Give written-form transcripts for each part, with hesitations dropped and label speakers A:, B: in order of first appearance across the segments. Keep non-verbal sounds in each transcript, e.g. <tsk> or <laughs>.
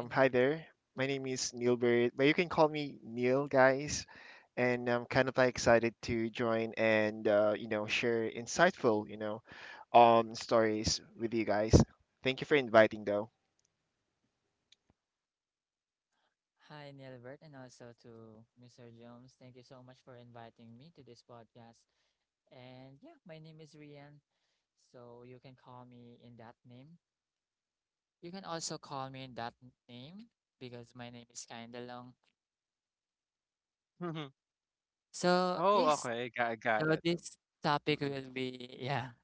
A: My name,
B: Hi there. My name is Neilbert, but you can call me Neil, guys. And I'm kind of like excited to join and share insightful stories with you guys. Thank you for inviting though.
A: Hi, Nilbert, and also to Mr. Jones. Thank you so much for inviting me to this podcast. And yeah, my name is Rian, so you can call me in that name. You can also call me in that name because my name is kinda long. So yes, so this topic will be yeah. <laughs>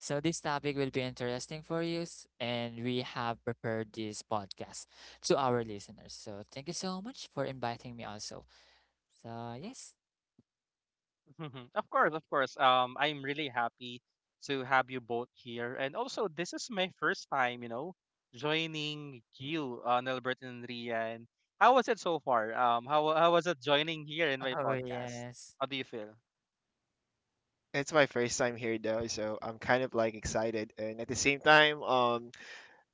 A: So this topic will be interesting for you, and we have prepared this podcast to our listeners. So thank you so much for inviting me also. So yes. Oh, yes.
B: It's my first time here though, so I'm kind of like excited and at the same time um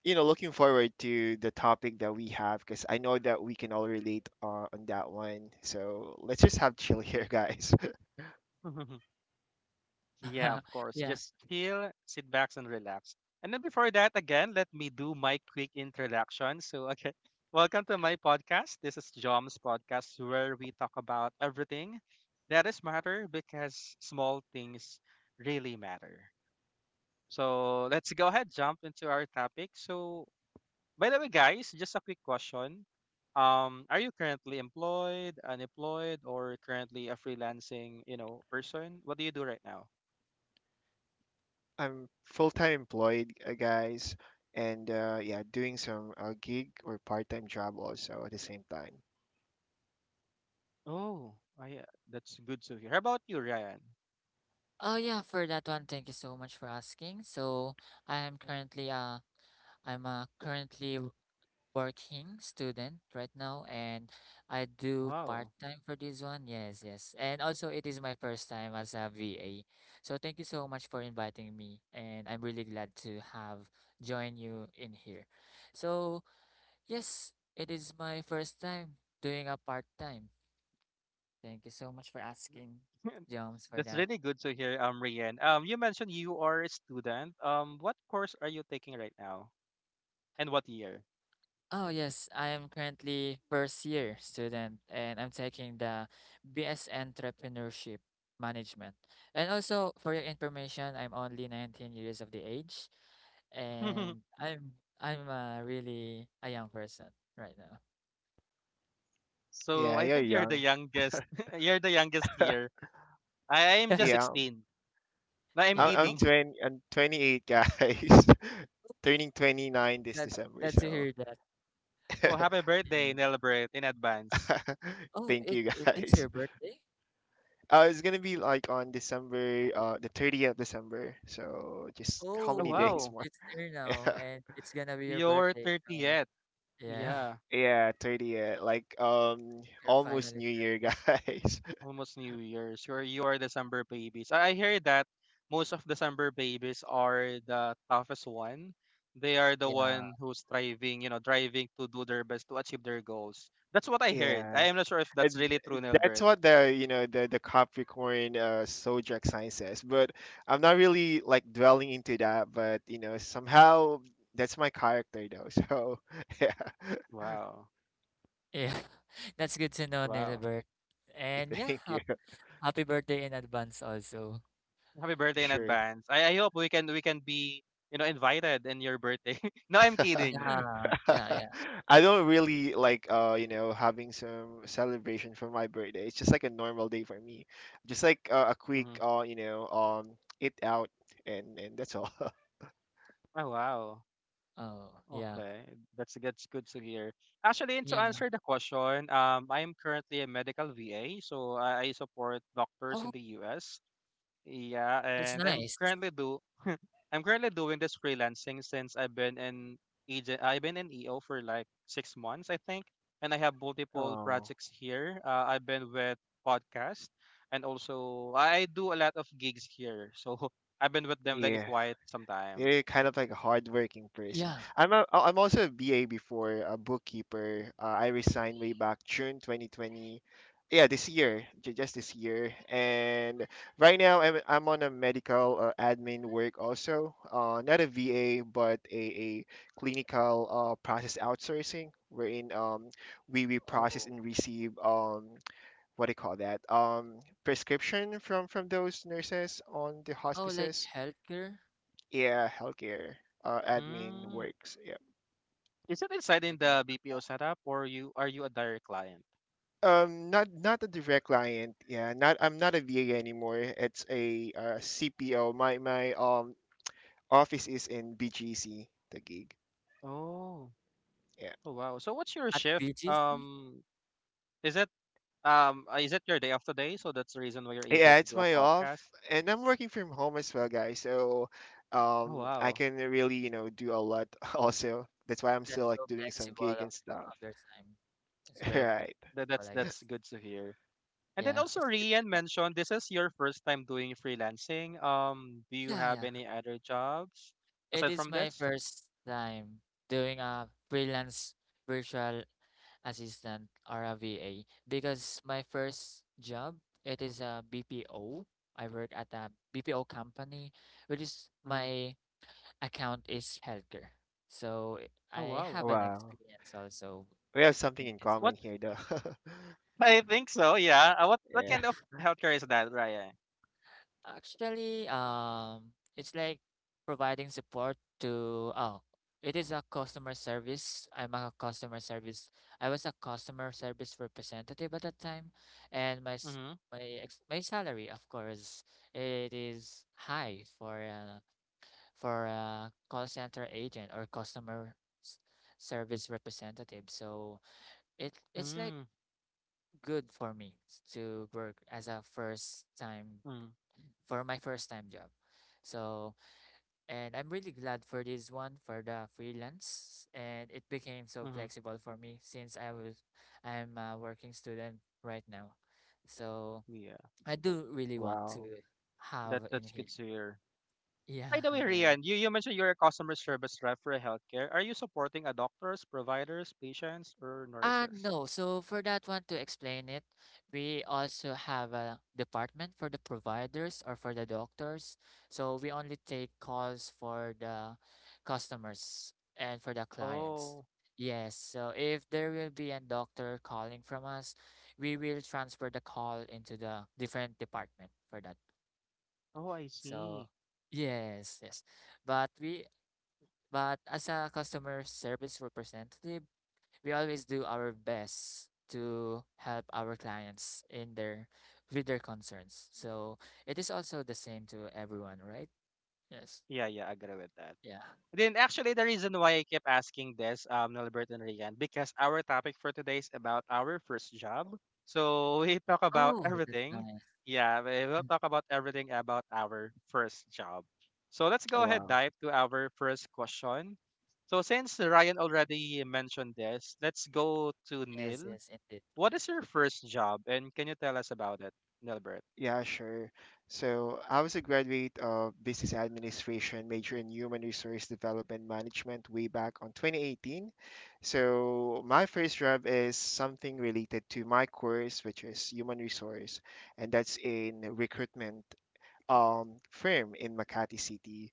B: you know looking forward to the topic that we have because I know that we can all relate on that one. So let's just have chill <laughs> here, guys.
A: <laughs> Yeah.
B: I'm full-time employed, guys, and yeah, doing some gig or part-time job also at the same time.
A: Oh, yeah, for that one, thank you so much for asking. So I am currently uh I'm a currently working student right now and I do part-time for this one. Yes, yes. And also it is my first time as a VA. So thank you so much for inviting me and I'm really glad to have joined you in here. So, yes, it is my first time doing a part-time. Thank you so much for asking, Jones, for that. Oh, yes, I am currently first year student and I'm taking the BS Entrepreneurship Management. And also, for your information, I'm only 19 years of the age and I'm really a young person right now.
B: Yeah, you're young.
A: <laughs>
B: Yeah, I'm
A: Yeah.
B: I'm
A: Oh,
B: 28, guys. <laughs> Turning 29 this
A: that
B: December,
A: glad to
B: so
A: hear that. Yeah.
B: <laughs>
A: Oh,
B: thank
A: it
B: you
A: it is
B: guys.
A: your birthday.
B: It's gonna be like on December, the 30th of December. So just how many days
A: Oh,
B: more?
A: it's there now, and
B: <laughs>
A: it's gonna be your birthday. So yeah.
B: Yeah, 30th, like
A: You're
B: almost
A: finally
B: New Year,
A: 30.
B: guys.
A: Yeah.
B: <laughs> Yeah. And that's what the you know the Capricorn zodiac sign says. But I'm not really like dwelling into that. But you know somehow that's my character though. <laughs> So yeah,
A: Yeah. <laughs> That's good to know, Nilbert.
B: <laughs>
A: And yeah,
B: thank you.
A: happy birthday in advance also.
B: Sure. <laughs>
A: Yeah. Yeah, yeah.
B: I don't really like having some celebration for my birthday. It's just like a normal day for me. Just like a quick eat out and that's all. <laughs>
A: Oh, yeah. Yeah. Oh, that's nice.
B: Oh, yeah. You're kind of like a hardworking person.
A: Yeah.
B: I'm also a BA before, a bookkeeper. I resigned way back June 2020. Yeah, this year, just this year. And right now, I'm on a medical admin work also. Not a VA, but a clinical process outsourcing, wherein we process
A: Oh.
B: and receive what do you call that? Prescription from those nurses on the
A: Oh, like
B: hospices.
A: healthcare?
B: Yeah, healthcare admin works. Yeah.
A: You got
B: Not a direct client. Yeah, not I'm not a VA anymore. It's a CPO. My office is in BGC, the gig. Yeah.
A: at BGC?
B: Yeah, and I'm working from home as well, guys. So, I can really you know do a lot <laughs> also. That's why I'm still
A: That's
B: like
A: so
B: doing some
A: flexible
B: gig and stuff.
A: of
B: <laughs>
A: your time. It's very
B: Right.
A: flexible, I guess. Yeah, it's good to know. Yeah, yeah. It is my first time doing a freelance virtual assistant or a V A, because my first job it is a BPO. I BPO. Work at a BPO company, which is my account is healthcare. So I have an
B: Wow.
A: experience also
B: We have something
A: in
B: in
A: this one.
B: common here, though. <laughs> Yeah.
A: Actually, it's like providing support to, oh, it is a customer service. I'm a customer service. I was a customer service representative at that time, and my s- my ex my salary, of course, it is high for a call center agent or customer s- service representative. So it's like good for me to work as a first time for my first time job. So, and I'm really glad for this one for the freelance and it became so flexible for me since I'm a working student right now. So, I do really want
B: Wow.
A: to have in here. <laughs> Yeah.
B: Yeah.
A: No. So for that one, to explain it, we also have a department for the providers or for the doctors. So we only take calls for the customers and for the clients. Yes. So if there will be a doctor calling from us, we will transfer the call into the different department for that. So yes, yes. But we, but as a customer service representative, we always do our best to help our clients in their with their concerns. So it is also the same to everyone, right? Yes. Yeah. Oh, Oh, that's nice. Mm,
B: Wow.
A: yes, yes, indeed.
B: Yeah, sure. So I was a graduate of business administration, major in human resource development management way back on 2018. So my first job is something related to my course, which is human resource, and that's in recruitment firm in Makati City,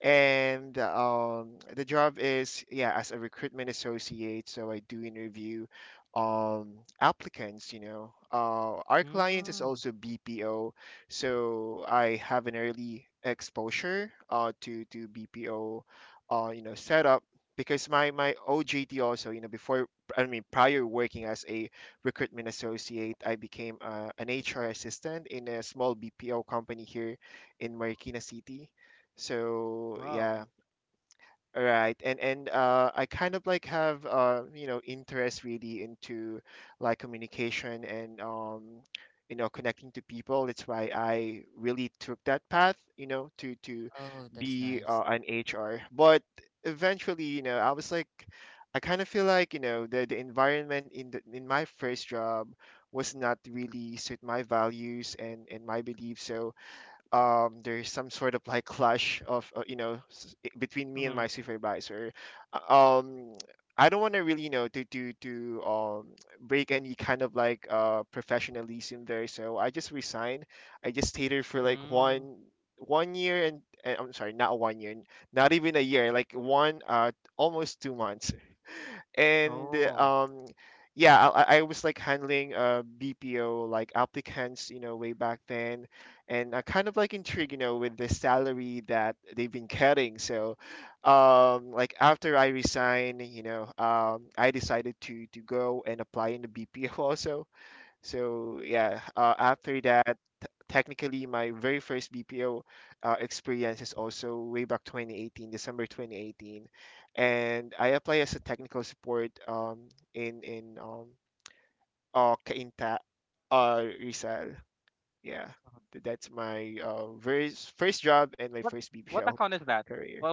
B: and the job is, yeah, as a recruitment associate. So I do interview applicants, you know. Our client is also BPO, so I have an early exposure to BPO you know setup, because my OJT also you know before, I mean prior working as a recruitment associate, I became an HR assistant in a small BPO company here in Marikina City. So yeah, all right. And I kind of like have you know interest really into like communication and you know connecting to people. That's why I really took that path, you know, to
A: Oh, that's
B: be
A: nice.
B: an HR. But eventually, you know, I was like, I kind of feel like you know the environment in the in my first job was not really suit my values and my beliefs. So there's some sort of like clash of you know between me and my supervisor. Uh, Um, I don't want to really you know to break any kind of like professionalism there, so I just resigned. I just stayed there for like one year and I'm sorry, not 1 year, not even a year, like one almost 2 months, and yeah. I was like handling BPO like applicants, you know, way back then, and I kind of like intrigued you know with the salary that they've been cutting. So like after I resigned, you know, I decided to go and apply in the BPO <laughs> also. So yeah, after that, technically my very first BPO experience is also way back 2018, December 2018, and I apply as a technical support in Cainta, Rizal. Yeah, that's my first job and my first BPO <laughs> career.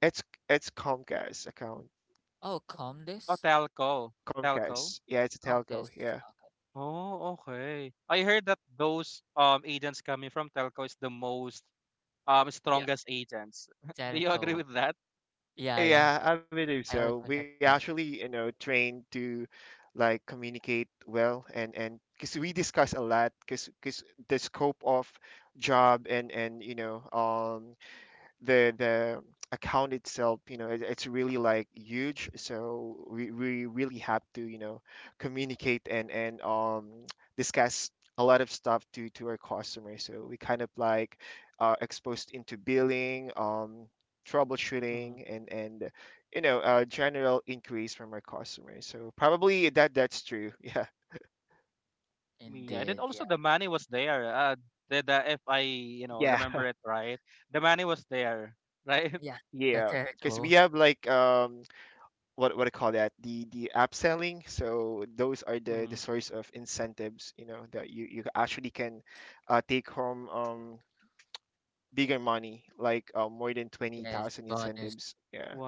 B: It's it's Comcast account.
A: Oh, Comdis?
B: Comcast. Yeah, it's a telco. Yeah.
A: Comtest. Okay. Yeah. Telco. Yeah, yeah.
B: Yeah, I believe
A: I
B: so.
A: also
B: We
A: heard that.
B: actually, you know, train to like communicate well and because we discuss a lot, because the scope of job and you know the account itself, you know, it, it's really like huge, so we really have to you know communicate and <tsk> discuss a lot of stuff to our customers. So we kind of like exposed into billing, troubleshooting, and you know general inquiries from our customers. So probably that that's true. <laughs> Yeah,
A: Indeed. Yeah.
B: yeah. <laughs>
A: Yeah. The
B: Yeah, because we
A: telco.
B: have like what I call that the upselling. So those are the source of incentives, you know, that you actually can take home bigger money, like more than twenty
A: Yes.
B: thousand
A: Bonus.
B: incentives. Yeah.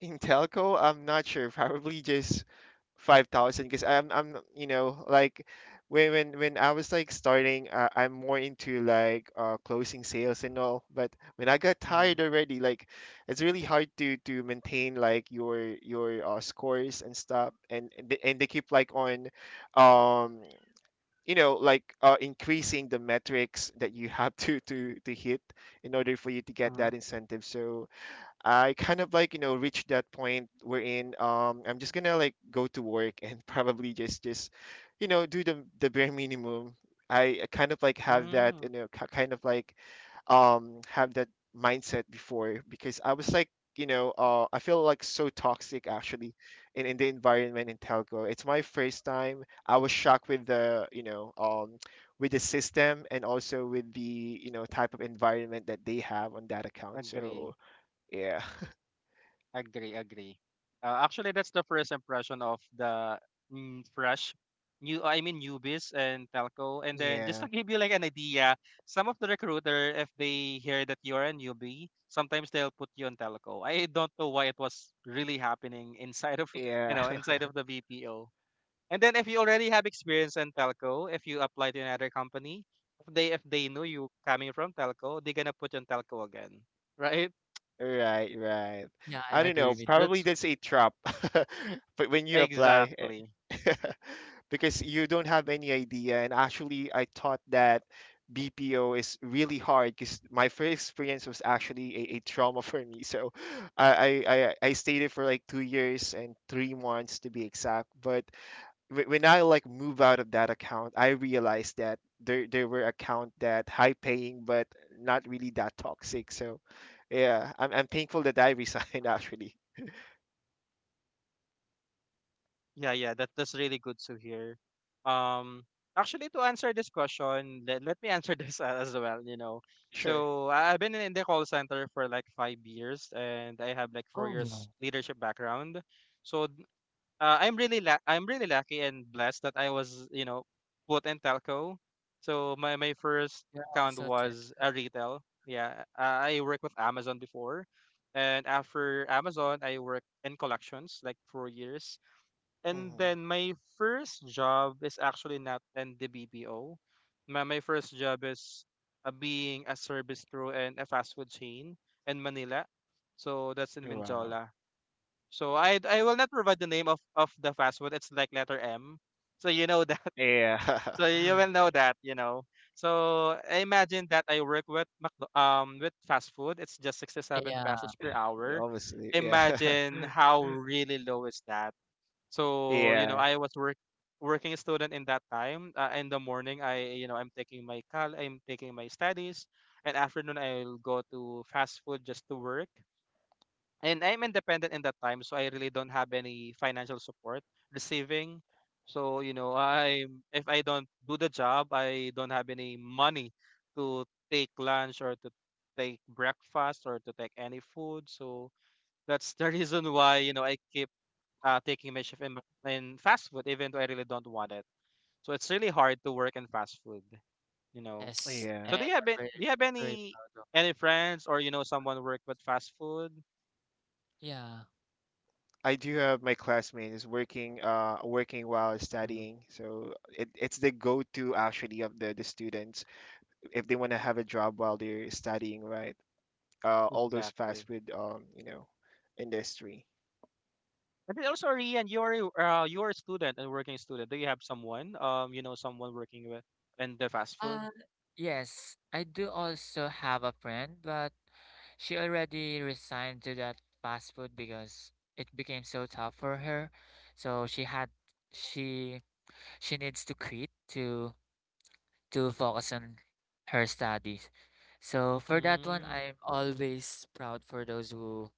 B: In telco, I'm not sure. <laughs> Probably just 5,000, because I'm you know like when I was like starting, I'm more into like closing sales and all. But when I got tired already, like it's really hard to maintain like your scores and stuff, and and they keep like on um you know like increasing the metrics that you have <laughs> to hit in order for you to get that incentive. So I kind of like you know reached that point wherein I'm just gonna like go to work, and <laughs> probably just you know do the bare minimum. I kind of like have that you know have that mindset before, because I was like you know I feel like so toxic actually in the environment in telco. It's my first time. I was shocked with the you know with the system, and also with the you know type of environment that they have on that account. So yeah. <laughs> Yeah. Yeah. <laughs> Right, right.
A: Yeah, I
B: I don't
A: agree
B: know.
A: with that.
B: Probably that's a trap. <laughs> But when you apply, <laughs> because you don't have any idea. And actually, I thought that BPO is really hard, because my first experience was actually a trauma <laughs> for me. So I stayed there for like 2 years and 3 months, to be exact. But when I like move out of that account, I realized that there were account that high paying but not really that toxic. So yeah, I'm thankful that I resigned <laughs> actually. Sure.
A: Oh, yeah, you're also tech.
B: Hmm. Wow. Yeah. <laughs>
A: Yeah.
B: Yeah, honestly, yeah. <laughs> Yeah.
A: Yes,
B: Yeah.
A: and I'm very, very proud of. Yeah.
B: I do have my classmate is working, working while studying. So it's the go-to actually of the students, if they want to have a job while they're studying, right? All those fast food you know industry.
A: Uh, yes, I do also have a friend, but she already resigned to that fast food because it became so tough for her. So she had she she needs to quit to focus on her studies. So for that one, I'm always proud for those who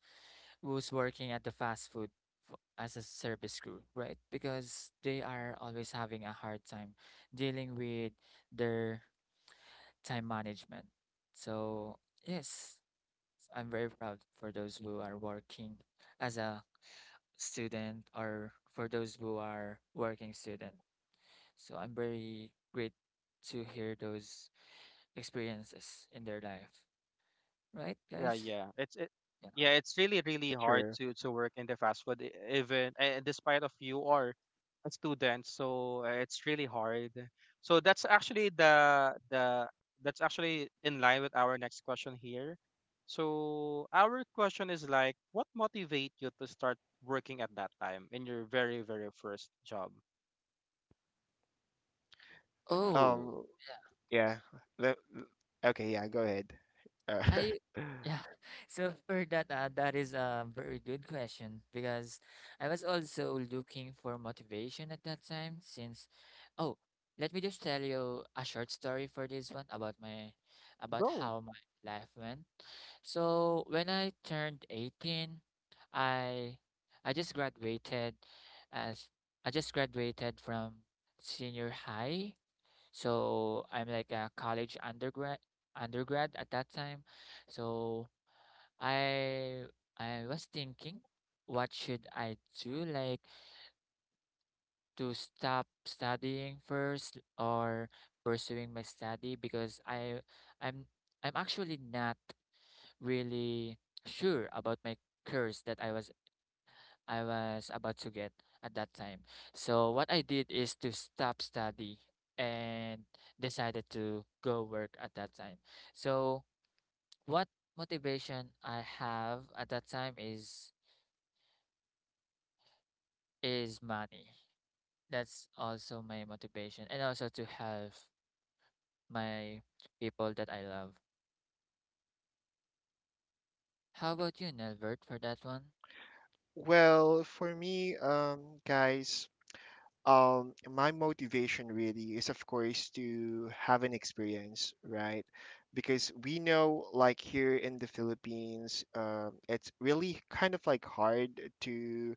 A: who's working at the fast food as a service crew, right? Because they are always having a hard time dealing with their time management. So, yes, I'm very proud for those who are working as a student or for those who are working student. So, I'm very great to hear those experiences in their life, right, guys? Yeah.
B: True.
A: Oh,
B: Um. Yeah. Le- okay. Yeah. Go ahead. Uh,
A: I
B: <laughs>
A: yeah. <laughs> So for that, that is a very good question because I was also looking for motivation at that time since oh, let me just tell you a short story for this one about my about how my life went. So when I turned 18, I I just graduated as I just graduated from senior high, so I'm like a college undergrad at that time. So I I was thinking what should I do, like to stop studying first or pursuing my study because I'm I'm actually not really sure about my course that I was about to get at that time. So what I did is to stop study and decided to go work at that time. So what motivation I have at that time is money. That's also my motivation and also to help my people that I love. How about you, Nelbert, for that one?
B: well, for me, guys, my motivation really is, of course, to have an experience, right? Because we know, like here in the Philippines, it's really kind of like hard to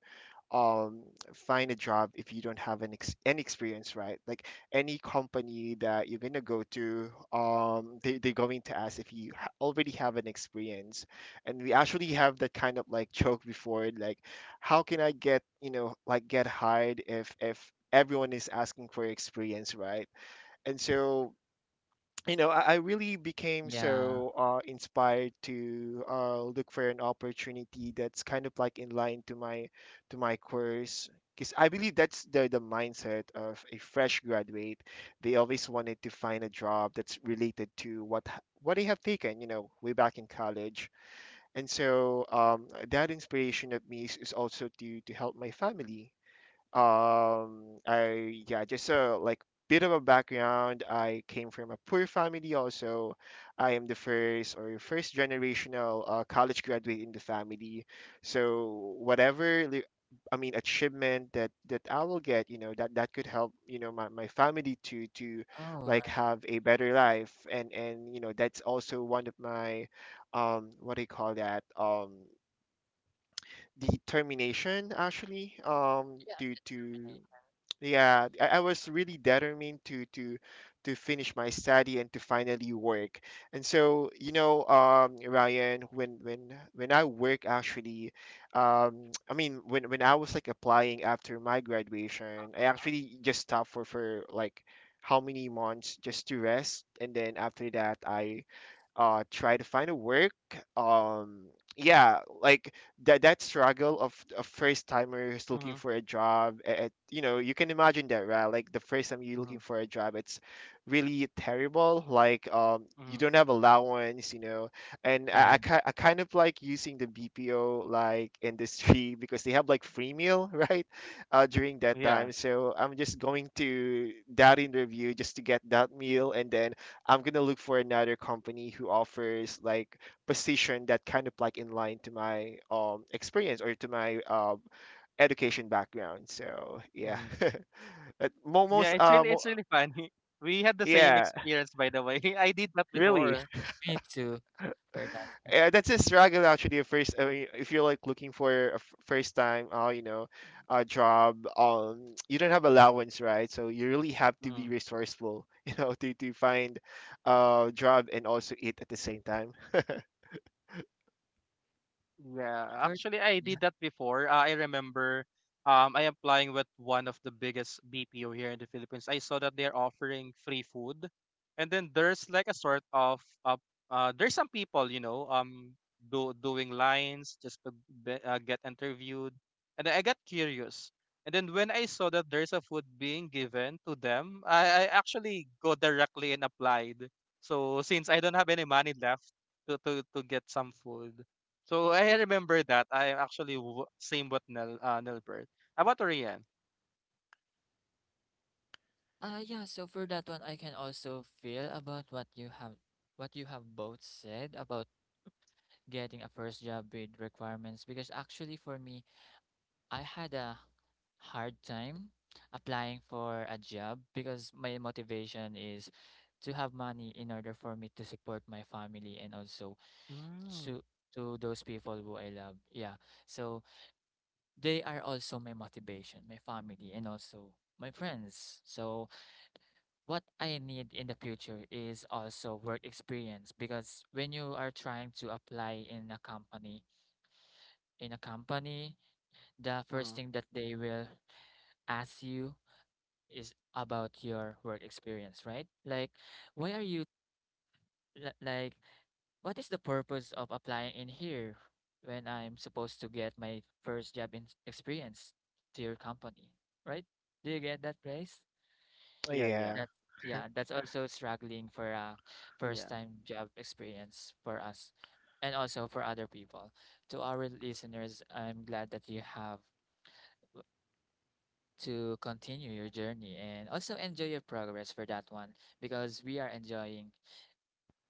B: um find a job if you don't have any experience, right? Like any company that you're going to go to, they, they're going to ask if you already have an experience. And we actually have that kind of like joke before, like how can I get you know like get hired if everyone is asking for experience, right? And so you know, I really became
A: Yeah.
B: so inspired to look for an opportunity that's kind of like in line to my course. Because I believe that's the mindset of a fresh graduate. They always wanted to find a job that's related to what they have taken, you know, way back in college. And so that inspiration of me is also to help my family. I, yeah, just a like bit of a background. I came from a poor family also. I am the first or first generational college graduate in the family. So whatever I mean achievement that that I will get, you know, that that could help, you know, my family to
A: Oh,
B: like
A: right.
B: have a better life, and you know, that's also one of my what do you call that? Determination actually
A: Yeah,
B: to
A: determination.
B: yeah, I was really determined to finish my study and to finally work. And so, you know, Ryan, when when I work actually, <tsk> I mean, when I was like applying after my graduation, I actually just stopped for like how many months just to rest, and then after that, I try to find a work. um yeah, like that that struggle of a first timer who's looking
C: Mhm,
B: for a job at, you know, you can imagine that, right? Like the first time you're looking
C: mhm,
B: for a job, it's really terrible, like you
C: mhm.
B: don't have allowance, you know. And
A: Yeah,
B: I kind of like using the BPO like industry <laughs> because they have like free meal <laughs> right, during that
C: Yeah.
B: time. So I'm just going to that interview just to get that meal, and then I'm gonna look for another company who offers like position that kind of like in line to my experience or to my education background. So yeah,
C: Mhm.
B: <laughs> But
C: Yeah, it's really funny. <laughs> We had the same
B: yeah,
C: experience by the way. <laughs> I did that
A: yeah.
B: really.
C: before.
B: <laughs>
A: <laughs> Me too for that.
B: Yeah,
A: <laughs>
B: that's a struggle actually. At first, I mean, if you're like looking for a first time, you know, a job, <tsk> you don't have allowance, right? So you really have to be
C: Mhm.
B: resourceful, <laughs> you know, to find a job and also eat at the same time.
C: Yeah,
A: one. For
C: actually, I did that before. I remember I applying with one of the biggest BPO here in the Philippines. I saw that they're offering free food, and then there's like a sort of uh, there's some people. Do doing lines just to be, get interviewed, and I got curious. And then when I saw that there's a food being given to them, I actually go directly and applied. So since I don't have any money left to get some food. So I remember that I am actually same with Nel Nilbert. How about Rian?
A: uh yeah, so for that one I can also feel about what you have both said about getting a first job with requirements because actually for me I had a hard time applying for a job because my motivation is to have money in order for me to support my family and also
C: Mm-hmm.
A: to to those people who I love. Yeah. So they are also my motivation, my family and also my friends. So what I need in the future is also work experience because when you are trying to apply in a company, the first thing that they will ask you is about your work experience, right? Like, why are you like, what is the purpose of applying in here when I'm supposed to get my first job in experience to your company, right? Do you get that, Grace?
C: Yeah, yeah,
B: Yeah.
A: That's yeah, that's also struggling for a first
C: yeah.
A: time job experience for us and also for other people. To our listeners, I'm glad that you have to continue your journey and also enjoy your progress for that one because we are enjoying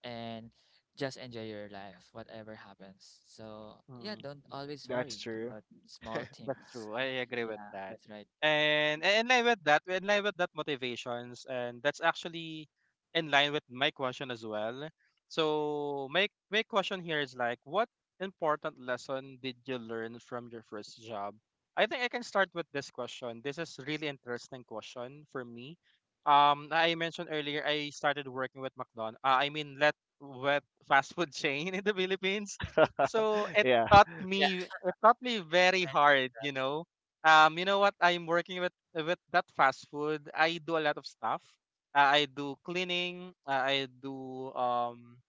A: and just enjoy your life, whatever happens. So yeah, don't always
B: That's
A: worry
B: true.
A: about small
C: That's
A: things.
C: true. I agree with
A: Yeah,
C: that.
A: that's right.
C: And in line with that, in line with that motivations, and that's actually in line with my question as well. So my question here is like, what important lesson did you learn from your first job? I think I can start with this question. This is really interesting question for me. I mentioned earlier I started working with McDonald's. I mean, let with fast food <laughs> chain in the Philippines. So it
B: Yeah.
C: taught
A: Yeah.
C: me very
A: <laughs>
C: hard, you know. You know what I'm working with that fast food, I do a lot of stuff. I do cleaning. I do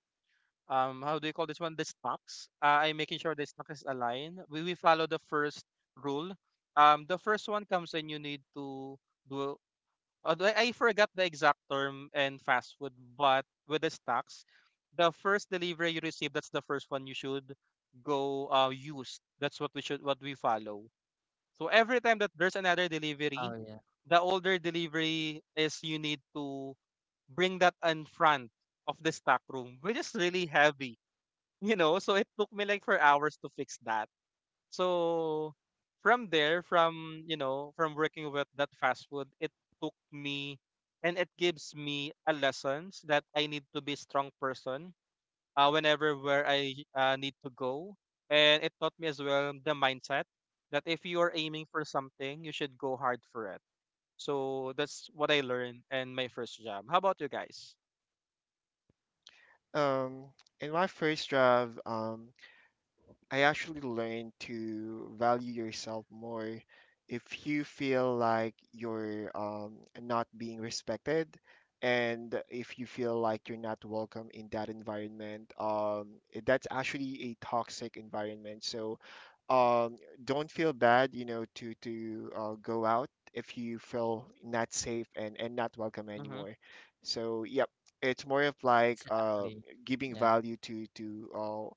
C: how do you call this one, the stocks? I'm making sure the stock is aligned. We follow the first rule. The first one comes in, you need to do. Although I forgot the exact term in fast food, but with the stocks, the first delivery you receive, that's the first one you should go, use. That's what we should what we follow. So every time that there's another
A: right.
C: delivery,
A: Oh yeah,
C: the older delivery is you need to bring that in front of the stock room, which is really heavy, <laughs> you know. So it took me like for hours to fix that. So from there, from you know, from working with that fast food, it took me and it gives me a lessons that I need to be strong person, whenever where I, need to go. And it taught me as well the mindset that if you are aiming for something, you should go hard for it. So that's what I learned in my first job. How about you guys?
B: Um, in my first job, I actually learned to value yourself more. If you feel like you're not being respected, and if you feel like you're not welcome in that environment, that's actually a toxic environment. So um, don't feel bad, you know, to go out if you feel not safe and not welcome
C: Mm-hmm.
B: anymore. So yep, it's more of like
A: exactly.
B: giving
A: Yeah.
B: value uh,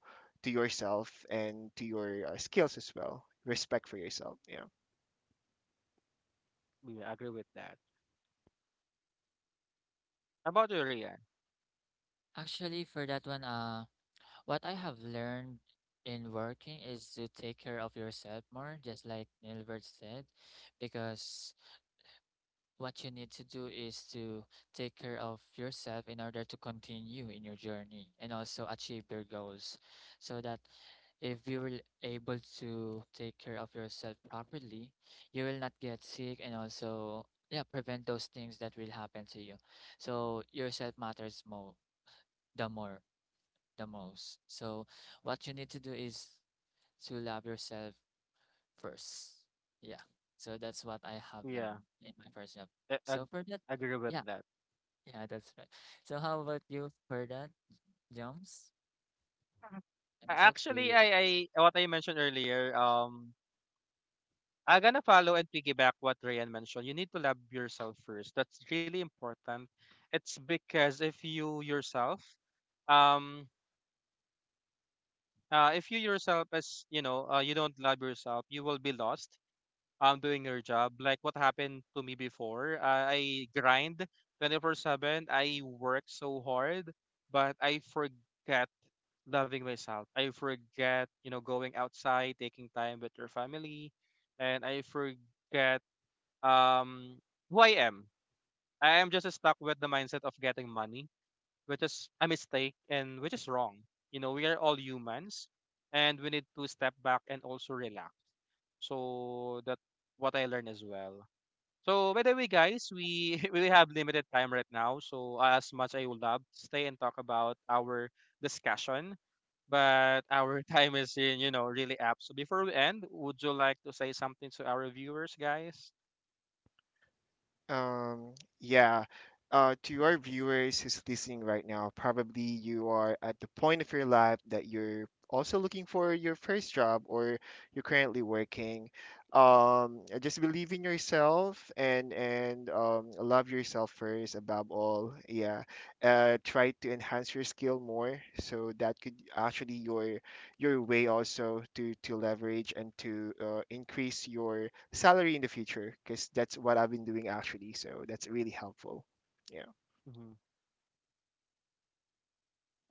B: to yourself, and to your skills as well. Respect for yourself, yeah.
C: Yeah, I agree with that. How about you, Rian?
A: Actually, for that one, what I have learned in working is to take care of yourself more, just like Nilbert said, because what you need to do is to take care of yourself in order to continue in your journey and also achieve your goals. So that if you will able to take care of yourself properly, you will not get sick and also yeah, prevent those things that will happen to you. So yourself matters more the most. So what you need to do is to love yourself first. Yeah. So that's what I have
C: Yeah,
A: learned in my first job.
C: I,
A: So for that,
C: I agree with
A: yeah,
C: that.
A: yeah, that's right. So how about you for that, Jones?
C: A
A: I'm so
C: actually,
A: curious.
C: I what I mentioned earlier, I'm gonna follow and piggyback what Ryan mentioned. You need to love yourself first. That's really important. It's because um, if you yourself as you know, you don't love yourself, you will be lost. Doing your job, like what happened to me before. I grind 24/7. I work so hard, but I forget. Loving myself. I forget, you know, going outside, taking time with your family, and I forget, um who I am. I am just stuck with the mindset of getting money, which is a mistake and which is wrong. You know, we are all humans and we need to step back and also relax. So that what I learned as well. So by the way, guys, we <laughs> we have limited time right now. So as much I would love to stay and talk about our discussion, but <laughs> our time is in, you know, really up. So before we end, would you like to say something to our viewers, guys?
B: Um, yeah. To our viewers who's listening right now, probably you are at the point of your life that you're also looking for your first job, or you're currently working. Just believe in yourself, and love yourself first above all. Yeah. Try to enhance your skill more, so that could actually your way also to leverage and to increase your salary in the future, because that's what I've been doing actually. So that's really helpful. Yeah.
C: Hmm.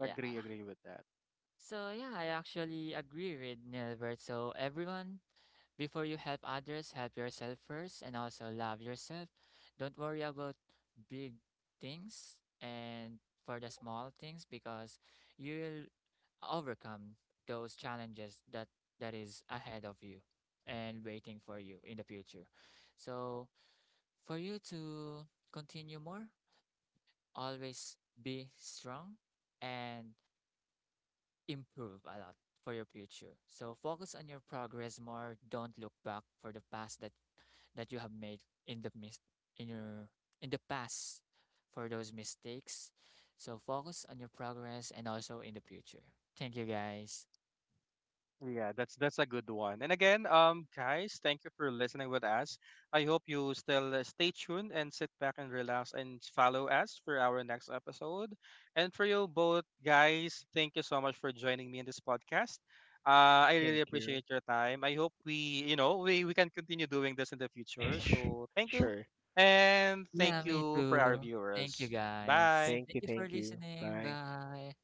A: Yeah.
C: Agree, agree with that.
A: So yeah, I actually agree with Nilbert. So everyone, before you help others, help yourself first and also love yourself. Don't worry about big things and for the small things because you'll overcome those challenges that is ahead of you and waiting for you in the future. So for you to continue more, always be strong and improve a lot for your future. So focus on your progress more. Don't look back for the past that you have made in the in your in the past for those mistakes. So focus on your progress and also in the future. Thank you guys.
C: Yeah, that's a good one. And again, guys, thank you for listening with us. I hope you still, stay tuned and sit back and relax and follow us for our next episode. And for you both guys, thank you so much for joining me in this podcast. I really
B: Thank you.
C: appreciate your time. I hope we, you know, we can continue doing this in the future.
B: <laughs>
C: So thank you,
B: Sure.
C: and
A: Yeah,
C: thank
A: me
C: you for our
A: too. Thank you,
C: viewers.
A: guys.
C: Bye.
B: Thank you.
A: Thank you for
B: Thank you.
A: listening.
B: Bye.
A: Bye.